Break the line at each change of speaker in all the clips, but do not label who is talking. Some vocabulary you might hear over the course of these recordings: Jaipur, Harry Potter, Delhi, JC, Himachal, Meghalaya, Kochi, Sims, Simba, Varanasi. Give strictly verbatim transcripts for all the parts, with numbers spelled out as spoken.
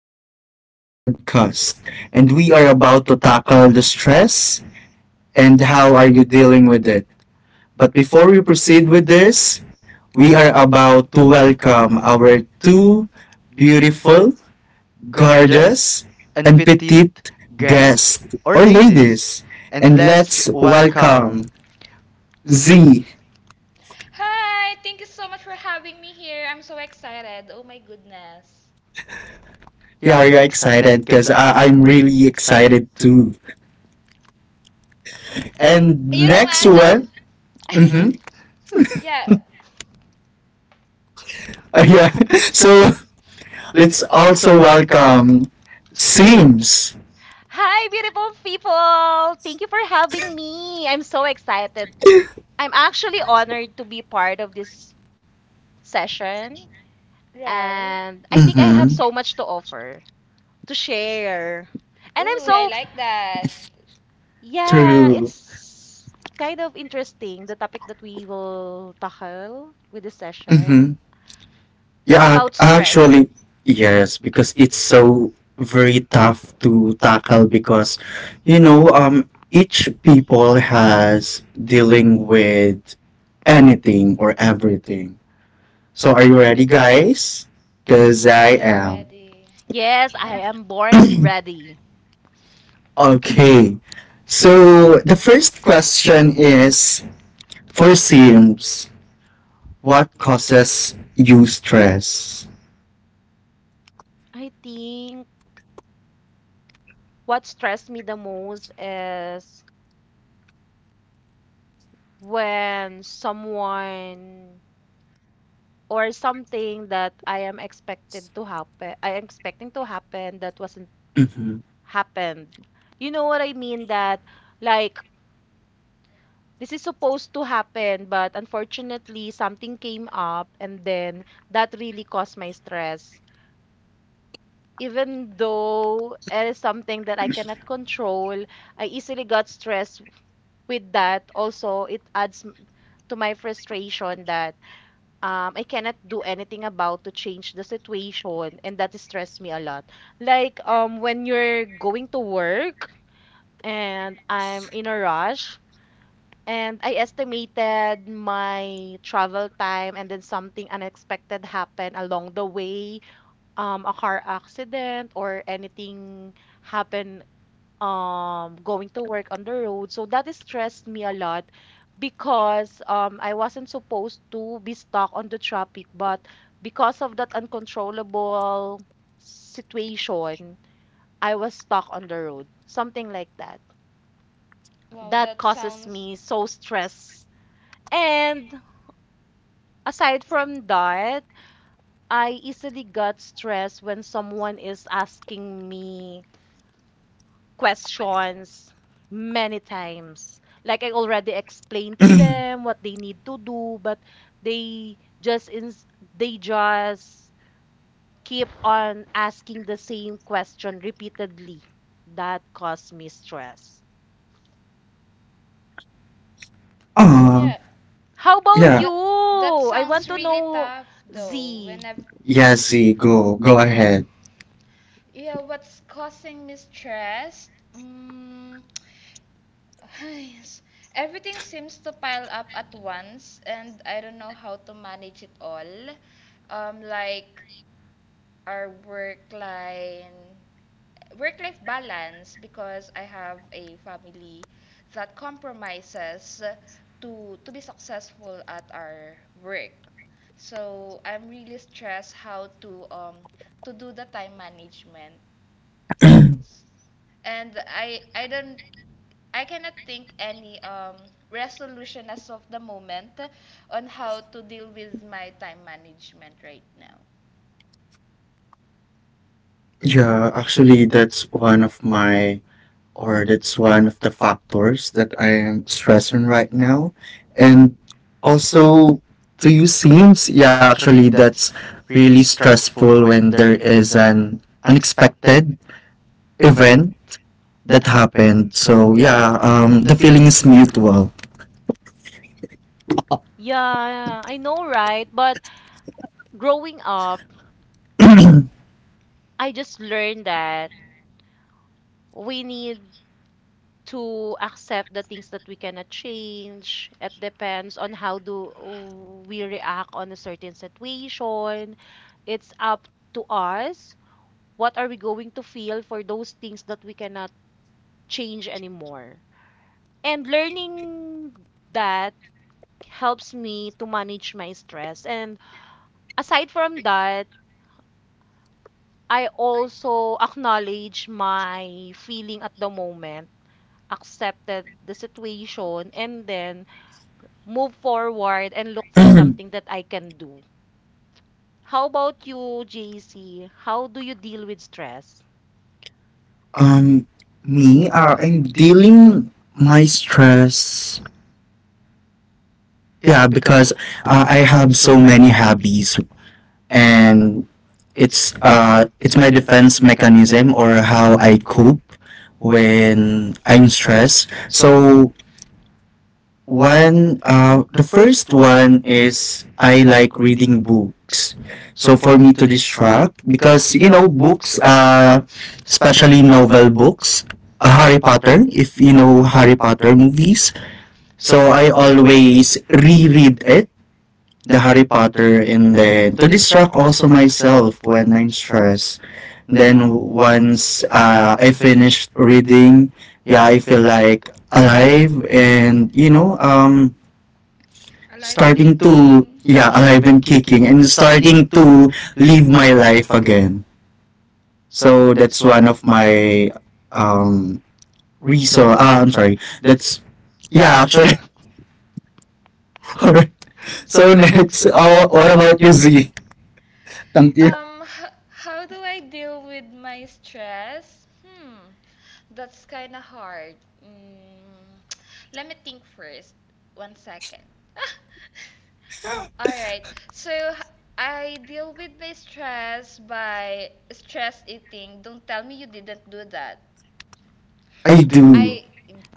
session of my podcast. And we are about to tackle the stress and how are you dealing with it. But before we proceed with this, we are about to welcome our two beautiful, gorgeous, and petite guests or ladies. And let's welcome Z.
Hi, thank you so much for having me here. I'm so excited. Oh my goodness.
Yeah, are you excited? Because I'm really excited too. And
You know
next
what?
one.
I'm
Mhm.
Yeah,
Yeah. So let's also welcome Sims.
Hi, beautiful people! Thank you for having me. I'm so excited. I'm actually honored to be part of this session,
right.
and I think I have
Mm-hmm.
so much to offer. To share. And I'm
Ooh, I
so,
like that.
yeah,
True.
it's kind of interesting the topic that we will tackle with this session
Mm-hmm. Yeah, ac-
about stress.
actually, yes, because it's so very tough to tackle because, you know, um, each people has dealing with anything or everything. So are you ready, guys? Because
More
I
than
am.
ready.
Yes, I am born ready.
Okay. So the first question is for Sims. What causes you stress?
I think what stressed me the most is when someone or something that I am expected to happen, I am expecting to happen that wasn't
Mm-hmm.
happened. You know what I mean? That like this is supposed to happen, but unfortunately, something came up, and then that really caused my stress. Even though it is something that I cannot control, I easily got stressed with that. Also, it adds m- to my frustration that um, I cannot do anything about to change the situation, and that stressed me a lot. Like um, when you're going to work and I'm in a rush, and I estimated my travel time, and then something unexpected happened along the way, um, a car accident or anything happened um, going to work on the road. So that stressed me a lot because um, I wasn't supposed to be stuck on the traffic, but because of that uncontrollable situation, I was stuck on the road, something like that.
Wow,
That
that
causes
sounds
me so stress. And aside from that, I easily got stressed when someone is asking me questions many times. Like I already explained to them what they need to do, but they just ins they just keep on asking the same question repeatedly. That caused me stress.
Well,
Ah,
yeah.
How about
yeah.
you?
That that
I want
sounds
to
really
know
tough though. When
Z.
I've
Yeah, Z, go. Go ahead.
Yeah, what's causing me stress? Mm, yes. Everything seems to pile up at once, and I don't know how to manage it all um like our work line work life balance because I have a family that compromises to to be successful at our work. So I'm really stressed how to um to do the time management. And I I don't I cannot think any um resolution as of the moment on how to deal with my time management right now.
Yeah, actually, that's one of my, or that's one of the factors that I am stressing right now. And also, to you seems, yeah, actually, that's really stressful when there is an unexpected event that happened. So, yeah, um, the feeling is mutual.
Yeah, I know, right? But growing up, I just learned that we need to accept the things that we cannot change. It depends on how do we react on a certain situation. It's up to us. What are we going to feel for those things that we cannot change anymore? And learning that helps me to manage my stress. And aside from that, I also acknowledge my feeling at the moment accepted the situation, and then move forward and look for something that I can do. How about you, J C? How do you deal with stress?
Um, me, uh, I'm dealing my stress. Yeah, because uh, I have so many hobbies, and it's uh, it's my defense mechanism or how I cope when I'm stressed. So one, uh, the first one is I like reading books. So for me to distract, because you know, books, uh, especially novel books, uh, Harry Potter, if you know Harry Potter movies. So I always reread it, the Harry Potter, and then to distract also myself when I'm stressed. Then w- once uh, I finished reading, yeah, I feel like alive and you know, um
Alive and
starting to,
kicking.
yeah, alive and kicking and starting to live my life again. So that's one of my um reason. Uh, I'm sorry. That's yeah, actually. All right. So next, oh, what about you, Z?
Um, h- how do I deal with my stress? Hmm, that's kind of hard. Mm, Let me think first. One second. All right. So h- I deal with my stress by stress eating. Don't tell me you didn't do that.
I do.
I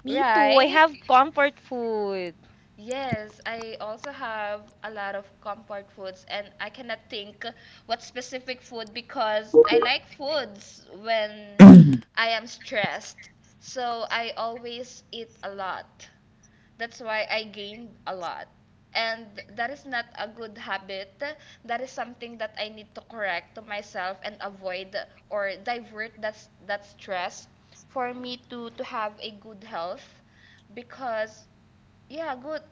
Me too. I
right?
have comfort food.
Yes, I also have a lot of comfort foods, and I cannot think what specific food because I like foods when I am stressed. So I always eat a lot. That's why I gained a lot. And that is not a good habit. That is something that I need to correct to myself and avoid or divert that, s- that stress for me to, to have a good health because, yeah, good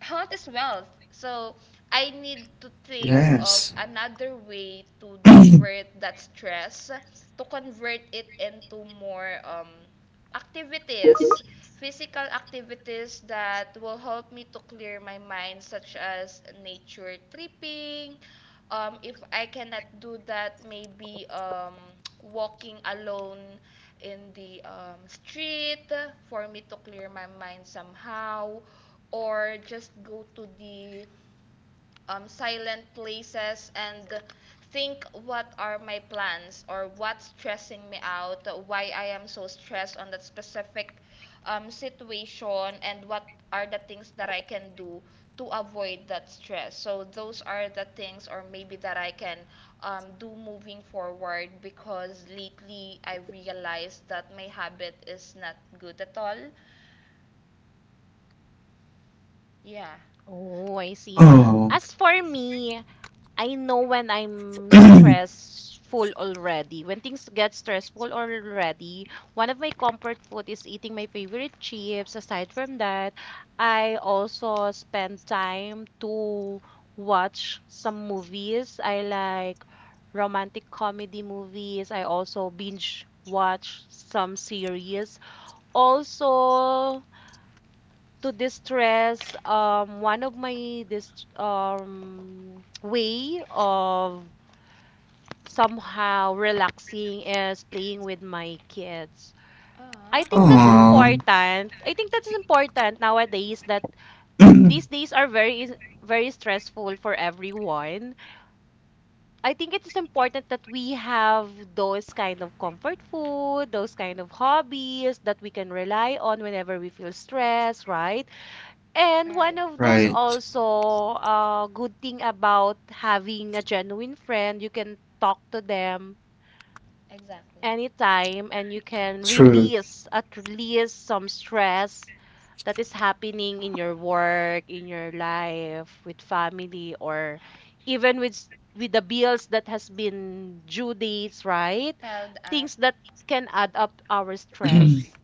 health is wealth. So I need to think of
Yes.
another way to divert that stress, to convert it into more um, activities, physical activities that will help me to clear my mind, such as nature tripping. Um, if I cannot do that, maybe um, walking alone in the um, street for me to clear my mind somehow, or just go to the um, silent places and think what are my plans or what's stressing me out, why I am so stressed on that specific um, situation, and what are the things that I can do to avoid that stress. So those are the things or maybe that I can um, do moving forward because lately I realized that my habit is not good at all. Yeah.
Oh, I see.
Oh.
As for me, I know when I'm stressful already. When things get stressful already, one of my comfort food is eating my favorite chips. Aside from that, I also spend time to watch some movies. I like romantic comedy movies. I also binge watch some series. Also, to distress, um, one of my this um way of somehow relaxing is playing with my kids. I
Ah,
think that's
Oh.
important. I think that's important nowadays that these days are very is- very stressful for everyone. I think it is important that we have those kind of comfort food, those kind of hobbies that we can rely on whenever we feel stressed, right? And one
right.
of those
Right.
also uh, good thing about having a genuine friend, you can talk to them
Exactly.
anytime and you can
True.
release at least some stress that is happening in your work, in your life, with family or even with s- with the bills that has been due dates, right?
Piled up.
Things that can add up our stress.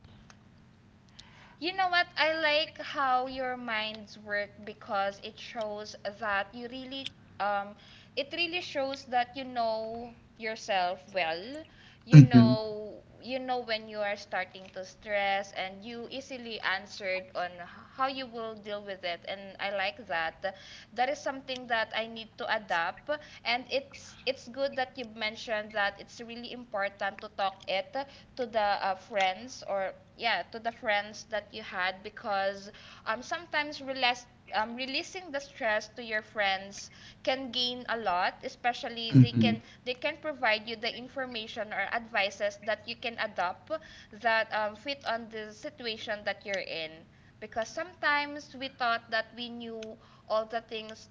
You know what? I like how your minds work because it shows that you really um it really shows that you know yourself well. You
Mm-hmm.
know you know when you are starting to stress, and you easily answered on h- how you will deal with it, and I like that. That is something that I need to adapt, and it's it's good that you mentioned that it's really important to talk it to the uh, friends, or yeah, to the friends that you had because um sometimes relas- um, releasing the stress to your friends can gain a lot, especially they
Mm-hmm.
can they can provide you the information or advices that you can adopt that um, fit on the situation that you're in, because sometimes we thought that we knew all the things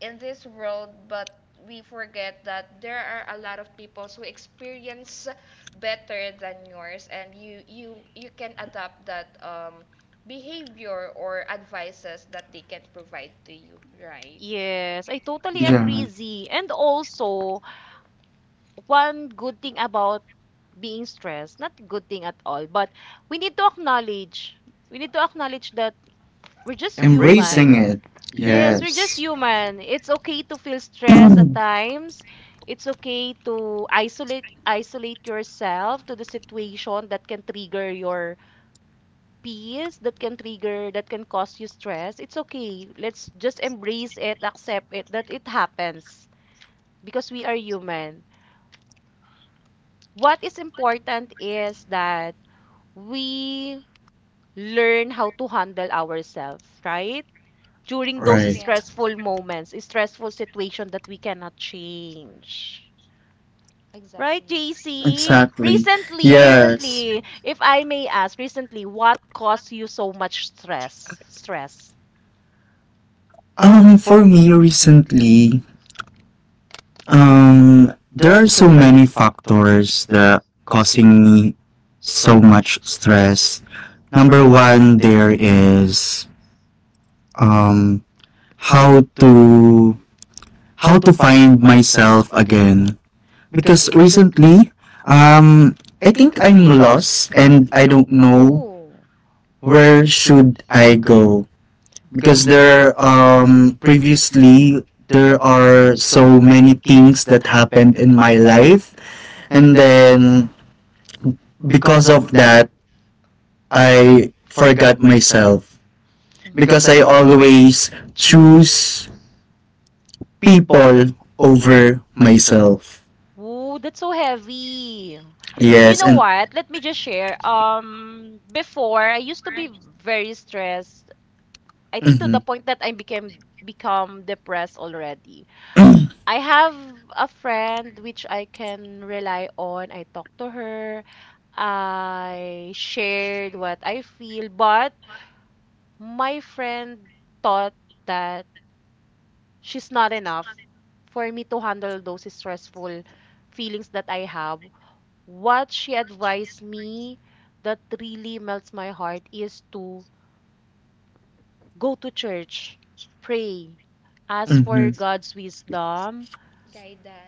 in this world, but we forget that there are a lot of people who experience better than yours, and you you you can adapt that um, behavior or advices that they can provide to you, right?
Yes, I totally
Yeah.
agree, Z. And also, one good thing about being stressed, not good thing at all, but we need to acknowledge, we need to acknowledge that we're just
Embracing
human.
it.
Yes, we're
Yes.
just human. It's okay to feel stress at times. It's okay to isolate isolate yourself to the situation that can trigger your peace, that can trigger, that can cause you stress. It's okay. Let's just embrace it, accept it that it happens because we are human. What is important is that we learn how to handle ourselves, right? During those
Right.
Yeah,
stressful moments, stressful situation that we cannot change. Right,
exactly.
J C?
Exactly.
Recently,
Yes.
recently, if I may ask, recently, what caused you so much stress? Stress.
Um, for me recently, um, there are so many factors that causing me so much stress. Number one, there is um how to how to find myself again. Because recently, um, I think I'm lost and I don't know
Oh.
where should I go. Because there um previously there are so many things that happened in my life and then because of that I forgot myself because I
Mm.
always choose people over myself.
Oh, that's so heavy. You
Yes,
know
and
what? Let me just share. Um, before I used to be very stressed. I think to
mm-hmm,
the point that I became become depressed already. I have a friend which I can rely on. I talk to her. I shared what I feel, but my friend thought that she's not enough for me to handle those stressful feelings that I have. What she advised me that really melts my heart is to go to church, pray, ask for
mm-hmm,
God's wisdom,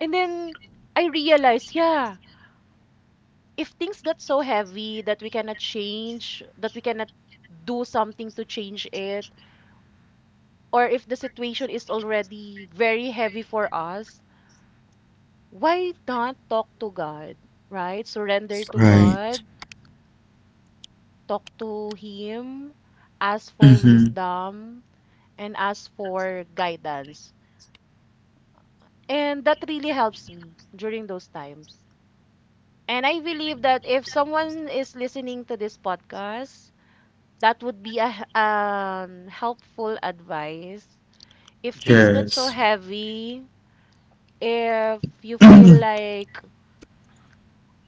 and then I realized, yeah, if things got so heavy that we cannot change, that we cannot do something to change it, or if the situation is already very heavy for us, why not talk to God, right? Surrender to God, talk to Him, ask for
mm-hmm,
wisdom, and ask for guidance. And that really helps me during those times. And I believe that if someone is listening to this podcast, that would be a h- um, helpful advice. If things get so
yes.
heavy, if you feel like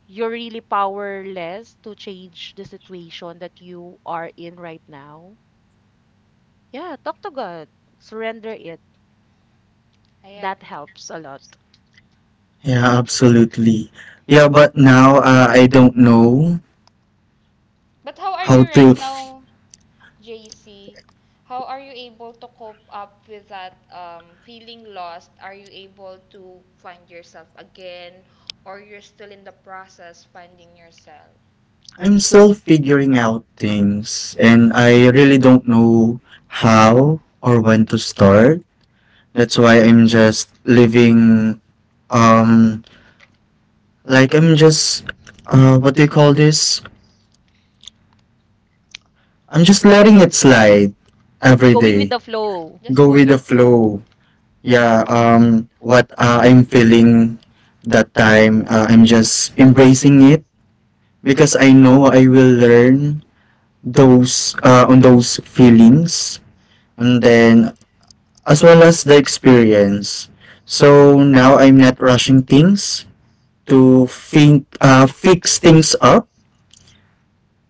you're really powerless to change the situation that you are in right now, yeah, talk to God, surrender it.
I
That
agree.
helps a lot.
Yeah, absolutely. Yeah, but now uh, I don't know
But how are you
how
right
to
now? J C, how are you able to cope up with that um, feeling lost? Are you able to find yourself again, or you're still in the process finding yourself?
I'm still figuring out things and I really don't know how or when to start. That's why I'm just living um like I'm just uh what do you call this? I'm just letting it slide every
Going with
day.
the flow.
Just
Go
go
with
with
the
the flow.
flow. Yeah, um what uh, I'm feeling that time, uh, I'm just embracing it because I know I will learn those uh on those feelings. And then as well as the experience. So now I'm not rushing things to think, uh, fix things up.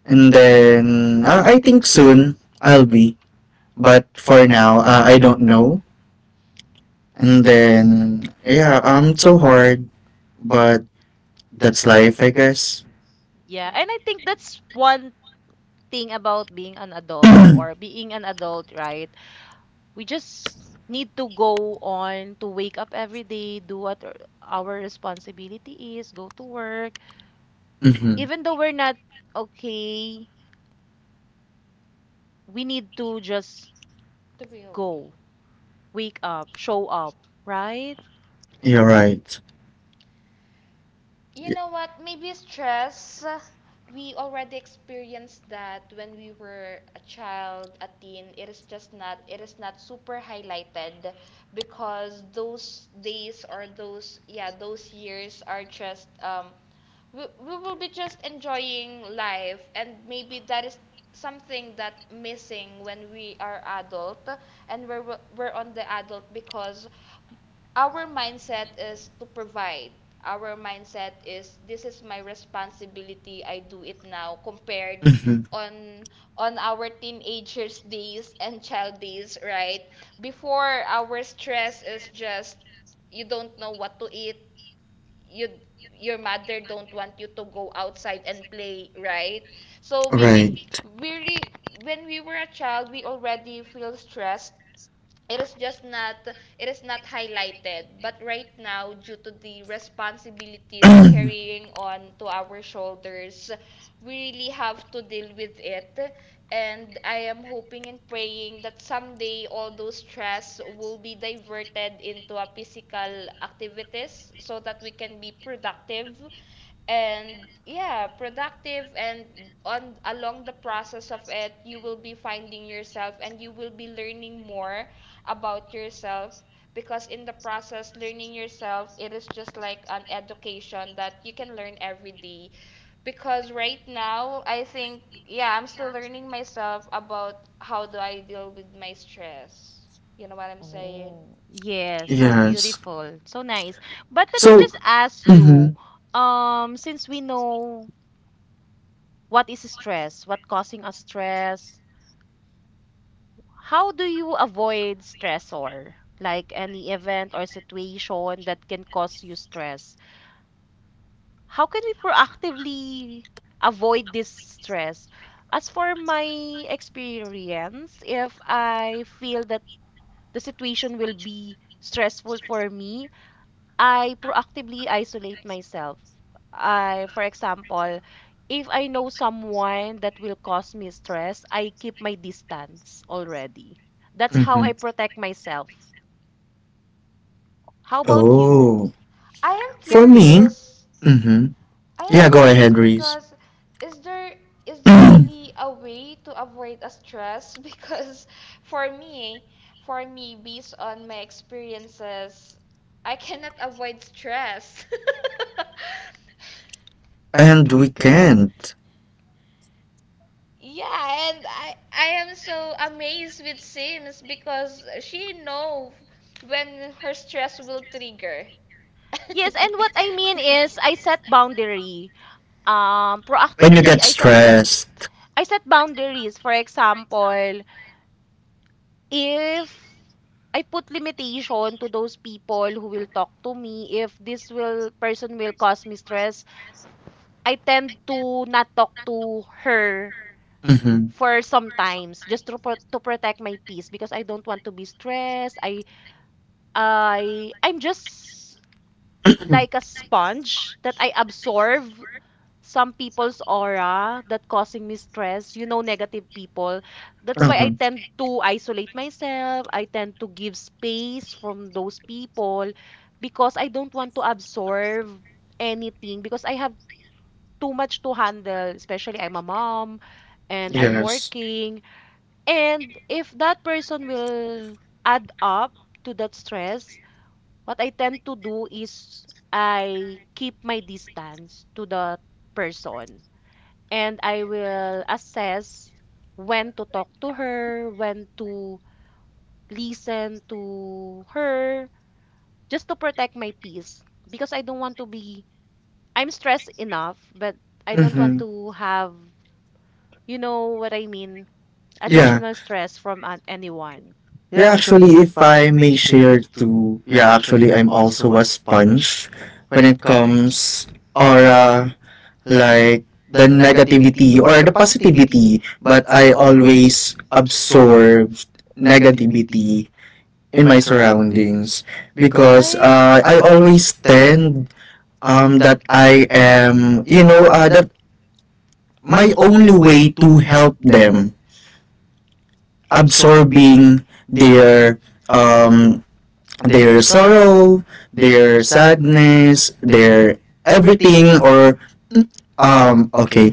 And then uh, I think soon I'll be. But for now, uh, I don't know. And then, yeah, um, it's so hard, but that's life, I guess.
Yeah,
Yeah,
and I think that's one thing about being an adult or being an adult, right? We just need to go on to wake up every day, do what our our responsibility is, go to work.
Mm-hmm.
Even though we're not okay, we need to just
to be okay.
go, wake up, show up, right?
You're
Right.
right.
You
Yeah.
know what? Maybe stress. We already experienced that when we were a child, a teen. It is just not. It is not super highlighted because those days, or those yeah those years, are just um we, we will be just enjoying life, and maybe that is something that missing when we are adult, and we're we're on the adult because our mindset is to provide. Our mindset is this is my responsibility. I do it now compared
Mm-hmm.
on on our teenagers days and child days, right? Before our stress is just you don't know what to eat. You your mother don't want you to go outside and play, right? So
Right.
maybe we really when we were a child, we already feel stressed. It is just not it is not highlighted, but right now, due to the responsibilities carrying on to our shoulders, we really have to deal with it, and I am hoping and praying that someday all those stress will be diverted into a physical activities so that we can be productive and yeah productive, and on along the process of it, you will be finding yourself, and you will be learning more about yourself, because in the process learning yourself, it is just like an education that you can learn every day, because right now I think, yeah I'm still learning myself about how do I deal with my stress. You know what I'm saying?
Oh, yes, so
Yes.
beautiful, so nice. But let me
So,
just ask you,
mm-hmm.
um, since we know what is stress, what causing us stress, how do you avoid stressor, like any event or situation that can cause you stress? How can we proactively avoid this stress? As for my experience, if I feel that the situation will be stressful for me, I proactively isolate myself. I, for example, if I know someone that will cause me stress, I keep my distance already. That's how
Mm-hmm.
I protect myself. How about you?
Oh,
i am
for me,
curious
mm-hmm.
I am
Yeah, go
curious
ahead, Reese.
because is there is there really a way to avoid a stress because for me for me, based on my experiences, I cannot avoid stress.
And we can't.
Yeah, and I I am so amazed with Sims because she know when her stress will trigger.
Yes, and what I mean is I set boundary. Um,
When you
proactively
get
I set
stressed.
I set boundaries. For example, if I put limitation to those people who will talk to me, if this will person will cause me stress, I tend to not talk to her
Mhm.
for sometimes just to pro- to protect my peace because I don't want to be stressed. I I I'm just like a sponge that I absorb some people's aura that causing me stress, you know, negative people. That's why I
Uh-huh.
tend to isolate myself. I tend to give space from those people because I don't want to absorb anything because I have too much to handle, especially I'm a mom and I'm
hmm
Yes.
working. And if that person will add up to that stress, what I tend to do is I keep my distance to the person and I will assess when to talk to her, when to listen to her, just to protect my peace because I don't want to be I'm stressed enough, but I don't want
Mhm.
to have, you know what I mean,
Yeah.
additional stress from an- anyone.
Yeah, actually, if I may share too, yeah, actually, I'm also a sponge when it
Mm.
comes or uh, like the negativity or the positivity, but I always absorb negativity in my surroundings because
Right?
uh, I always tend um that I am, you know, uh, that my only way to help them absorbing their um their sorrow, their sadness, their everything or um okay.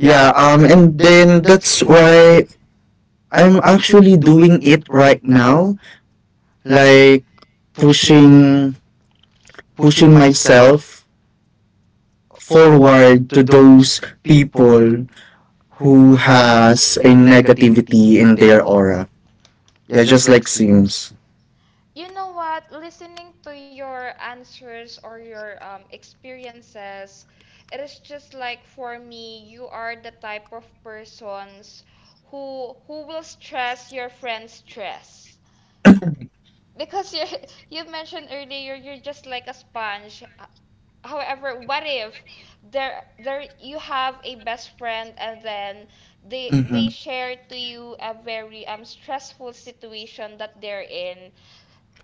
Yeah, um and then that's why I'm actually doing it right now, like pushing pushing myself forward to those people who has a negativity in their aura. Yeah, just like Sims.
You know what? Listening to your answers or your um, experiences, it is just like for me, you are the type of persons who who will stress your friend's stress. Because you you mentioned earlier, you're just like a sponge. Uh, However, what if there there you have a best friend, and then they
Mm-hmm.
they share to you a very um stressful situation that they're in.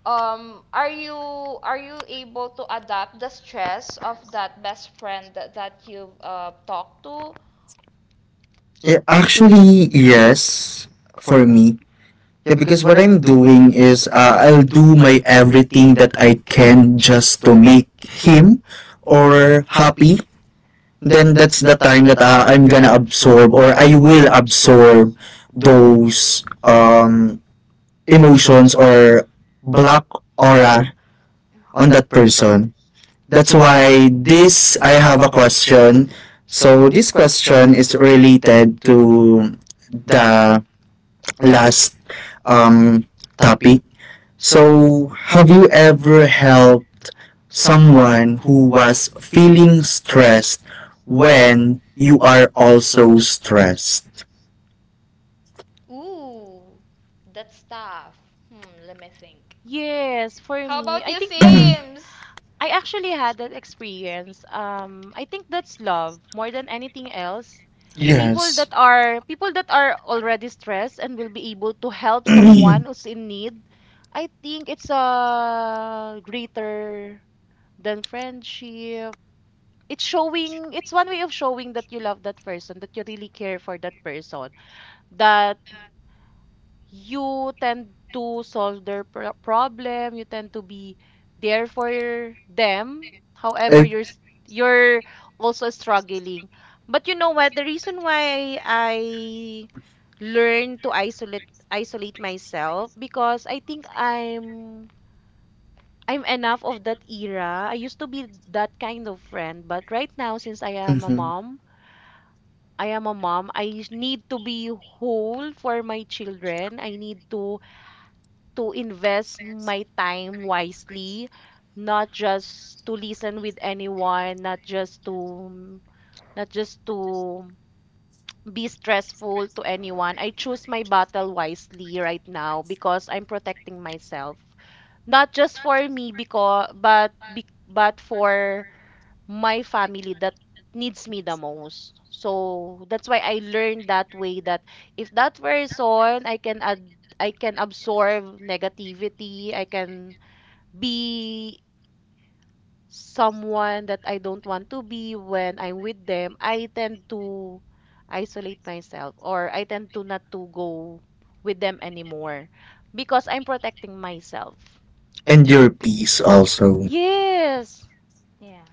um are you are you able to adapt the stress of that best friend that, that you've uh, talked to?
Yeah, actually, yes, for me. Yeah, because what I'm doing is uh, I'll do my everything that I can just to make him or happy. Then that's
Aw.
the time that uh, I'm gonna absorb or I will absorb those um emotions or black aura on
mm
that person. That's why this I have a question. So this question is related to the last um, topic. So, have you ever helped someone who was feeling stressed when you are also stressed?
Ooh, that's tough. Hmm let me think.
Yes, for
How
me,
about
I
you,
think that's
Sims?
I actually had that experience. Um, I think that's love more than anything else. People
Yes.
that are people that are already stressed and will be able to help someone who's in need, I think it's uh greater than friendship. It's showing, it's one way of showing that you love that person, that you really care for that person, that you tend to solve their pro- problem, you tend to be there for them. However,
E-
you're s- you're also struggling. But you know what? The reason why I learn to isolate isolate myself because I think I'm I'm enough of that era. I used to be that kind of friend, but right now since I am a
mhm.
mom, I am a mom, I need to be whole for my children. I need to to invest my time wisely, not just to listen with anyone, not just to not just to be stressful to anyone. I choose my battle wisely right now because I'm protecting myself. Not just for me because but be, but for my family that needs me the most. So that's why I learned that way that if that person I can ad I can absorb negativity, I can be someone that I don't want to be when I'm with them, I tend to isolate myself or I tend to not to go with them anymore because I'm protecting myself.
And your peace also.
Yes.
Yeah.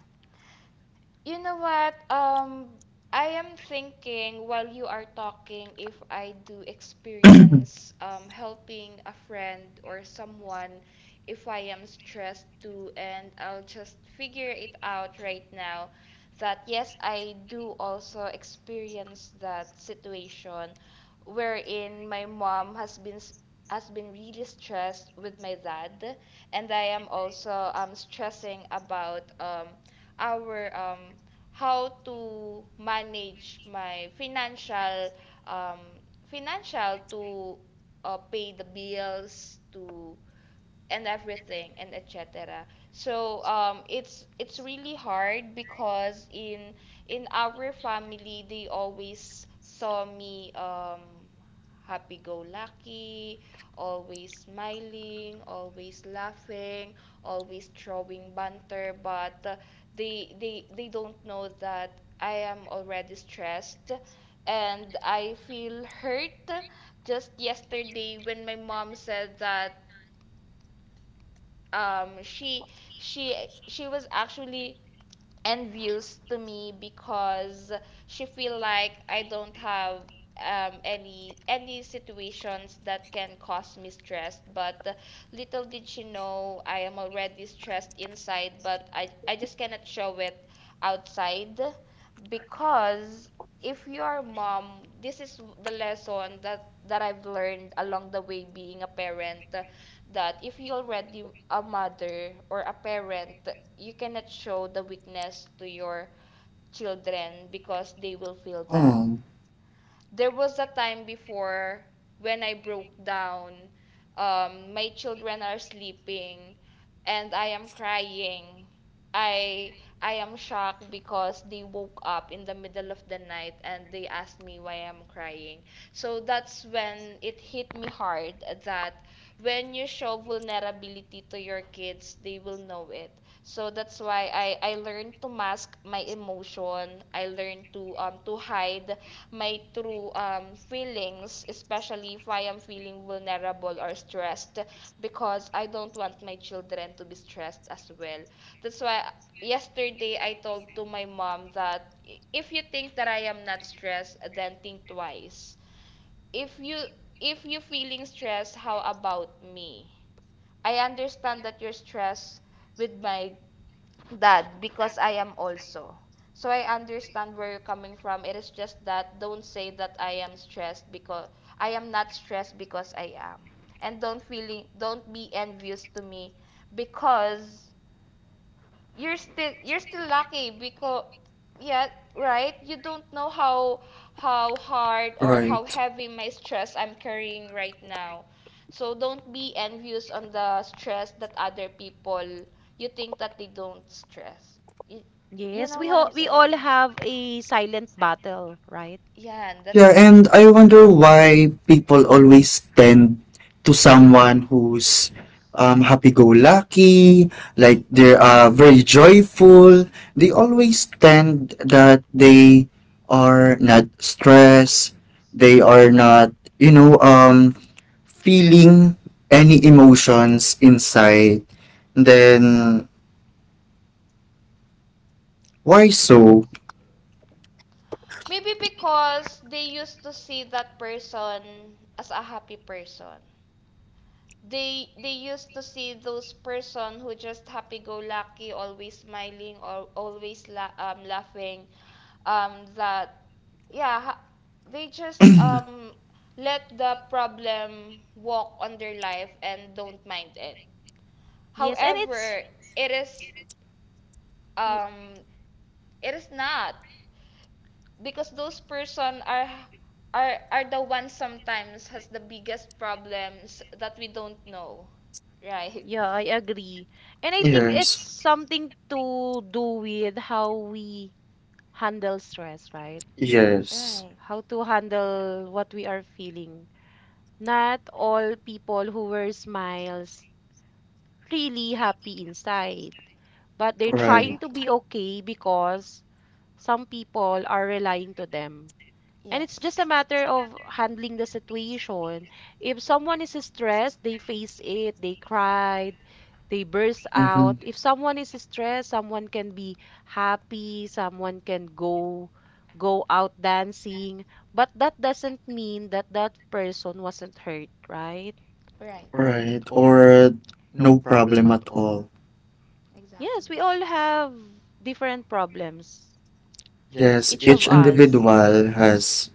You know what? Um, I am thinking while you are talking, if I do experience um, helping a friend or someone if I am stressed too, and I'll just figure it out right now that yes, I do also experience that situation wherein my mom has been s- has been really stressed with my Dad, and I am also um stressing about um our um, how to manage my financial, um, financial, to uh, pay the bills to, and everything, and et cetera. So um, it's it's really hard because in in our family they always saw me um, happy go lucky, always smiling, always laughing, always throwing banter, but uh, they they they don't know that I am already stressed, and I feel hurt just yesterday when my mom said that um, she she she was actually envious to me because she feel like I don't have um, any any situations that can cause me stress. But uh, little did she know I am already stressed inside, but I I just cannot show it outside, because if you are a mom, this is the lesson that that I've learned along the way being a parent, that if you already a mother or a parent, you cannot show the weakness to your children because they will feel that.
Oh,
There was a time before when I broke down. Um, my children are sleeping, and I am crying. I I am shocked because they woke up in the middle of the night and they asked me why I'm crying. So that's when it hit me hard that when you show vulnerability to your kids, they will know it. So that's why I, I learned to mask my emotion. I learned to um to hide my true um feelings, especially if I am feeling vulnerable or stressed, because I don't want my children to be stressed as well. That's why yesterday I told to my mom that if you think that I am not stressed, then think twice. If you if you feeling stressed, how about me? I understand that you're stressed with my Dad, because I am also. So I understand where you're coming from. It is just that don't say that I am stressed because I am not stressed, because I am. And don't feeling don't be envious to me because you're still you're still lucky, because, yeah, right, you don't know how how hard or how
right.
heavy my stress I'm carrying right now. So don't be envious on the stress that other people, you think that they don't stress you, you
Yes,
know
we
what
ho
I'm
we
saying?
all have a silent battle, right?
Yeah. And that
Yeah, and I wonder why people always tend to someone who's um, happy-go-lucky, like
i-
they're uh,
right.
very joyful. They always tend that they are not stressed, they are mm-hmm,
Mhm.
not, you know, um, feeling any emotions inside. Then why so?
Maybe because they used to see that person as a happy person. They they used to see those person who just happy go lucky, always smiling, or always la- um, laughing. Um, that yeah, ha- they just um let the problem walk on their life and don't mind it.
Yes, and it's
However, it is
y-
um it is not, because those person are are are the ones sometimes has the biggest problems that we don't know, right?
yeah, I agree. And I think it's
Yes,
something to do with how we handle stress, right?
yes,
Right.
How to handle what we are feeling. Not all people who wear smiles really happy inside, but they're
right,
trying to be
Exactly.
okay because some people are relying to them. And it's just a
Yes,
matter of handling the situation. If someone is stressed, they face it, they cried, they burst out. If someone is stressed, someone can be happy, someone can go go out dancing, but that doesn't mean that that person wasn't hurt, right?
right,
right, or no problem at all.
Yes,
exactly.
we all have different problems,
Yes,
each of
each
us.
individual has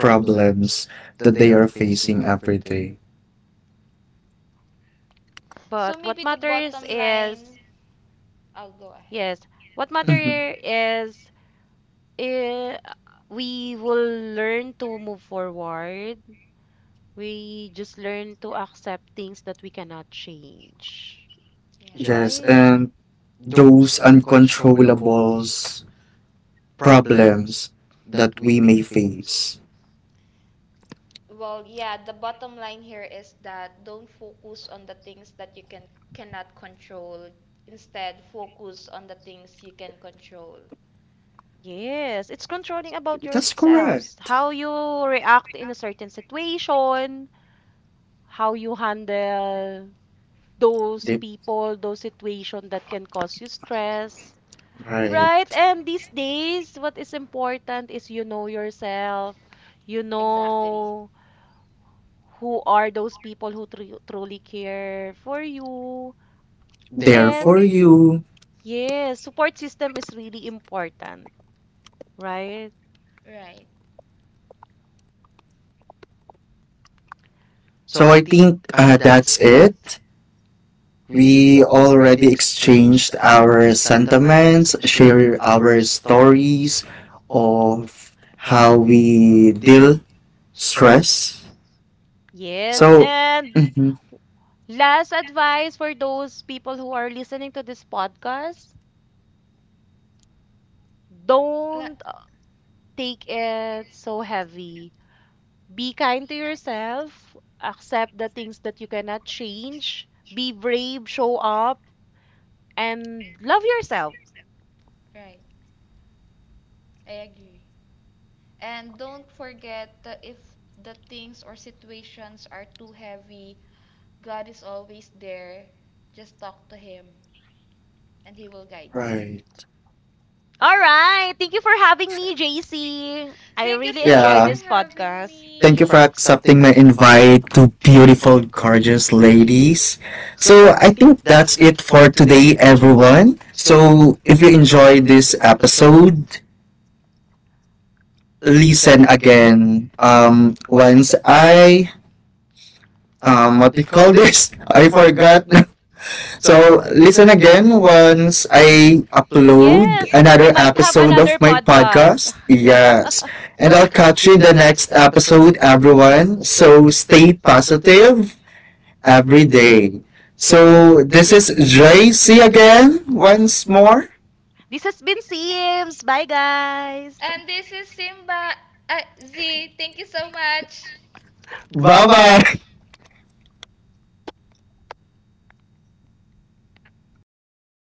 problems that they are facing every day.
So
But what
maybe the
matters
bottom line,
is,
I'll go ahead.
yes, what matter
Mhm.
is eh, we will learn to move forward. We just learn to accept things that we cannot change.
Yeah.
Yes,
Right?
and those uncontrollables problems that we may face.
Well, yeah, the bottom line here is that don't focus on the things that you can cannot control. Instead, focus on the things you can control.
Yes, it's controlling about
That's correct.
yourselves. How you react in a certain situation, how you handle those people, those situations that can cause you stress.
Right.
Right? And these days, what is important is you know yourself, you
Exactly.
know who are those people who tru- truly care for you.
There for
And
you.
yes, support system is really important, right?
Right.
So I think uh, that's it. We already exchanged our sentiments, share our stories of how we deal stress.
Yes,
So,
and last advice for those people who are listening to this podcast,
La-
don't uh, take it so heavy. Be kind to yourself, accept the things that you cannot change, be brave, show up, and love yourself.
right. I agree. And don't forget that if the things or situations are too heavy, God is always there. Just talk to him, and he will guide you.
right.
All right. Thank you for having me, J C. I
Thank you
really
so much for
enjoyed
Yeah.
this
having
podcast.
Thank you for
me.
accepting my invite to beautiful, gorgeous ladies. So, I think that's it for today, everyone. So, if you enjoyed this episode, listen again. Um, once I, um, what do you call this? I forgot. So listen again once I upload
Yes, we
another
might have
episode of
another
my podcast.
podcast.
Yes. And I'll catch you in the next episode, everyone. So stay positive every day. So this is J C again once more.
This has been Sims. Bye, guys.
And this is Simba. Uh, Z, thank you so much.
Bye bye.